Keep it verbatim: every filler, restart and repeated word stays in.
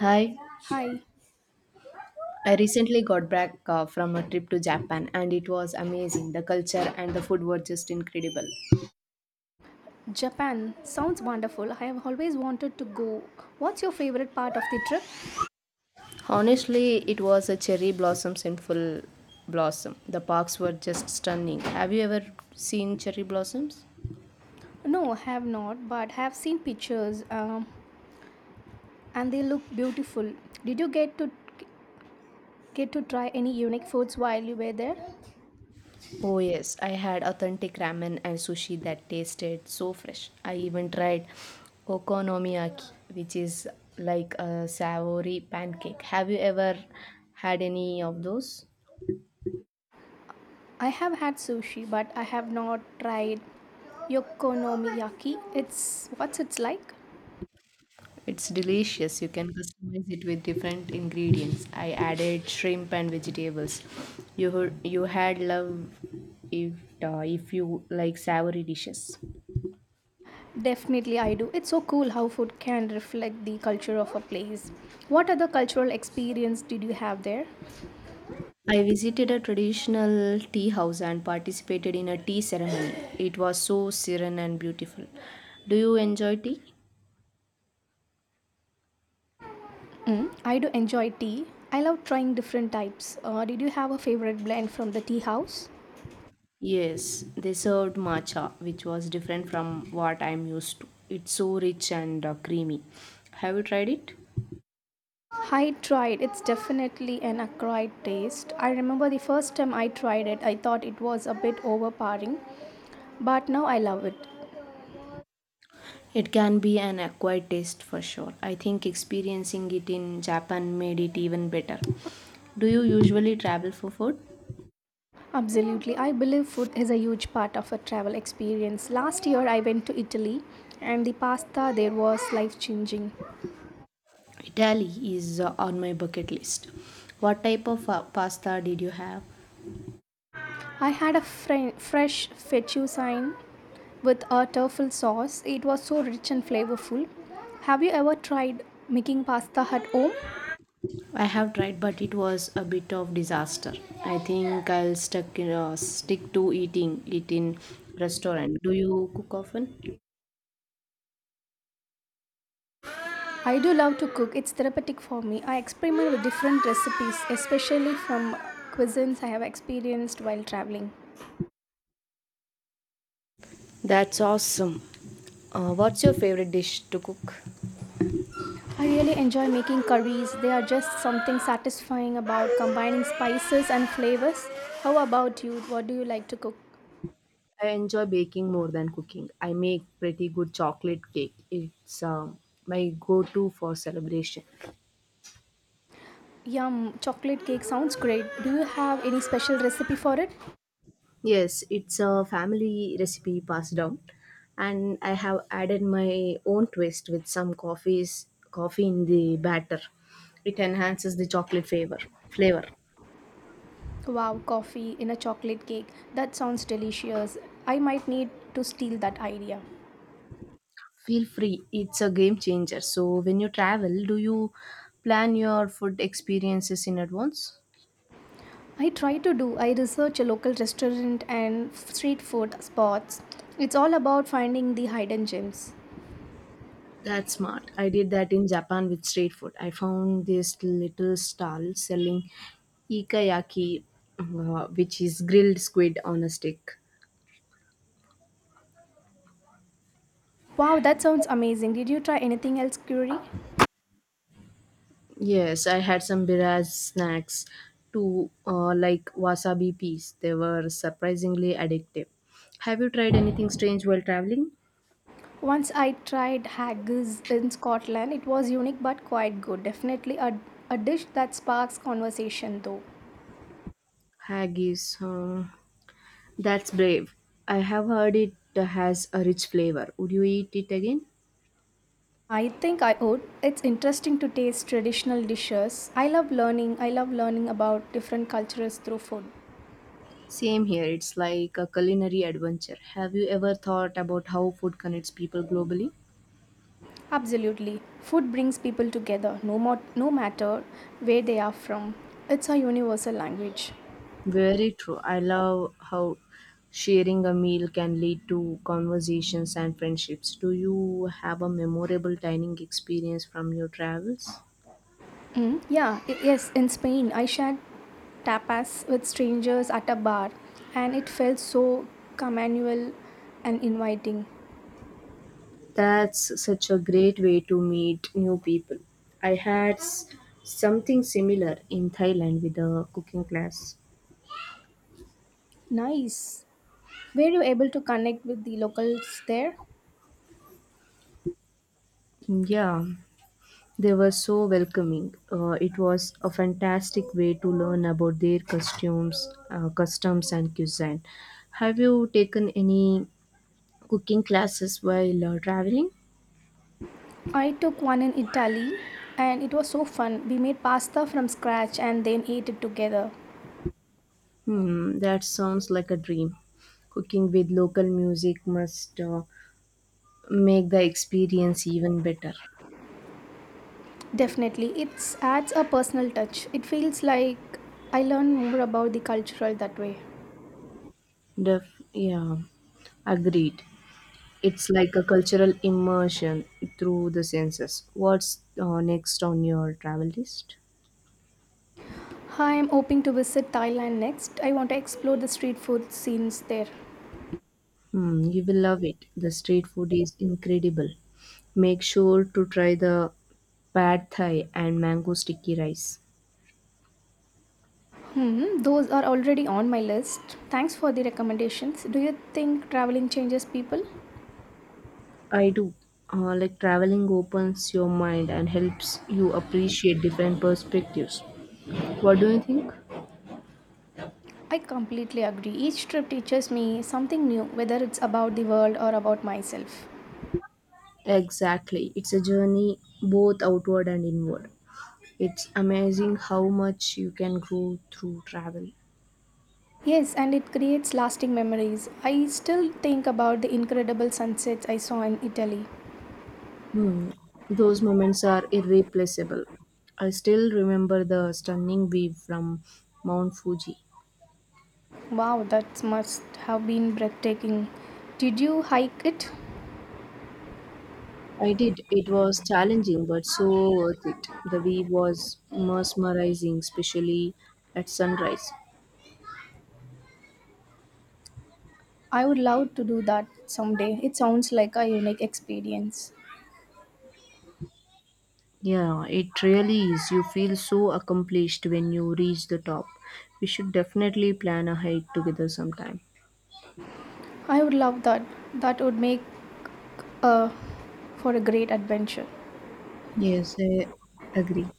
Hi, Hi, I recently got back uh, from a trip to Japan and it was amazing. The culture and the food were just incredible. Japan. Sounds wonderful. I have always wanted to go. What's your favorite part of the trip? Honestly, it was a cherry blossoms in full blossom. The parks were just stunning. Have you ever seen cherry blossoms? No, have not, but have seen pictures um, and they look beautiful. Did you get to get to try any unique foods while you were there? Oh, yes, I had authentic ramen and sushi that tasted so fresh. I even tried okonomiyaki, which is like a savory pancake. Have you ever had any of those? I have had sushi, but I have not tried yokonomiyaki. It's what's it's like? It's delicious. You can customize it with different ingredients. I added shrimp and vegetables. You heard, you had love if uh, if you like savory dishes. Definitely I do. It's so cool how food can reflect the culture of a place. What other cultural experience did you have there? I visited a traditional tea house and participated in a tea ceremony. It was so serene and beautiful. Do you enjoy tea? Mm, I do enjoy tea. I love trying different types. Uh, did you have a favorite blend from the tea house? Yes, they served matcha, which was different from what I'm used to. It's so rich and uh, creamy. Have you tried it? I tried. It's definitely an acquired taste. I remember the first time I tried it, I thought it was a bit overpowering, but now I love it. It can be an acquired taste for sure. I think experiencing it in Japan made it even better. Do you usually travel for food? Absolutely. I believe food is a huge part of a travel experience. Last year I went to Italy and the pasta there was life changing. Italy is uh, on my bucket list. What type of uh, pasta did you have? I had a fre- fresh fettuccine with a truffle sauce. It was so rich and flavorful. Have you ever tried making pasta at home? I have tried, but it was a bit of disaster. I think I'll stuck in, uh, stick to eating it in restaurant. Do you cook often? I do love to cook, it's therapeutic for me. I experiment with different recipes, especially from cuisines I have experienced while traveling. That's awesome. Uh, what's your favorite dish to cook? I really enjoy making curries. They are just something satisfying about combining spices and flavors. How about you? What do you like to cook? I enjoy baking more than cooking. I make pretty good chocolate cake. It's um, my go to for celebration. Yum, chocolate cake sounds great. Do you have any special recipe for it? Yes, it's a family recipe passed down, and I have added my own twist with some coffees, coffee in the batter. It enhances the chocolate flavor. Flavor. Wow, coffee in a chocolate cake. That sounds delicious. I might need to steal that idea. Feel free. It's a game changer. So when you travel, do you plan your food experiences in advance? I try to do. I research a local restaurant and f- street food spots. It's all about finding the hidden gems. That's smart. I did that in Japan with street food. I found this little stall selling ikayaki, uh, which is grilled squid on a stick. Wow, that sounds amazing. Did you try anything else, Curie? Yes, I had some birras snacks too, uh, like wasabi peas. They were surprisingly addictive. Have you tried anything strange while traveling? Once I tried haggis in Scotland. It was unique but quite good. Definitely a, a dish that sparks conversation though. Haggis. Uh, that's brave. I have heard it has a rich flavor. Would you eat it again? I think I would. It's interesting to taste traditional dishes. I love learning. I love learning about different cultures through food. Same here, it's like a culinary adventure. Have you ever thought about how food connects people globally? Absolutely. Food brings people together no more, no matter where they are from. It's a universal language. Very true. I love how sharing a meal can lead to conversations and friendships. Do you have a memorable dining experience from your travels? Mm, yeah, i- yes, in Spain I shared tapas with strangers at a bar and it felt so communal and inviting. That's such a great way to meet new people. I had s- Something similar in Thailand with a cooking class. Nice. Were you able to connect with the locals there? Yeah, they were so welcoming. Uh, it was a fantastic way to learn about their costumes, uh, customs, and cuisine. Have you taken any cooking classes while uh, traveling? I took one in Italy and it was so fun. We made pasta from scratch and then ate it together. Hmm, that sounds like a dream. Cooking with local music must uh, make the experience even better. Definitely, it adds a personal touch. It feels like I learn more about the cultural that way. Def- yeah, agreed. It's like a cultural immersion through the senses. What's uh, next on your travel list? I am hoping to visit Thailand next. I want to explore the street food scenes there. Mm, you will love it. The street food is incredible. Make sure to try the pad thai and mango sticky rice. Hmm, those are already on my list. Thanks for the recommendations. Do you think traveling changes people? I do. Uh, like traveling opens your mind and helps you appreciate different perspectives. What do you think? I completely agree. Each trip teaches me something new, whether it's about the world or about myself. Exactly. It's a journey both outward and inward. It's amazing how much you can grow through travel. Yes, and it creates lasting memories. I still think about the incredible sunsets I saw in Italy. Hmm. Those moments are irreplaceable. I still remember the stunning view from Mount Fuji. Wow, that must have been breathtaking. Did you hike it? I did. It was challenging, but so worth it. The view was mesmerizing, especially at sunrise. I would love to do that someday. It sounds like a unique experience. Yeah, it really is. You feel so accomplished when you reach the top. We should definitely plan a hike together sometime. I would love that. That would make uh, for a great adventure. Yes, I agree.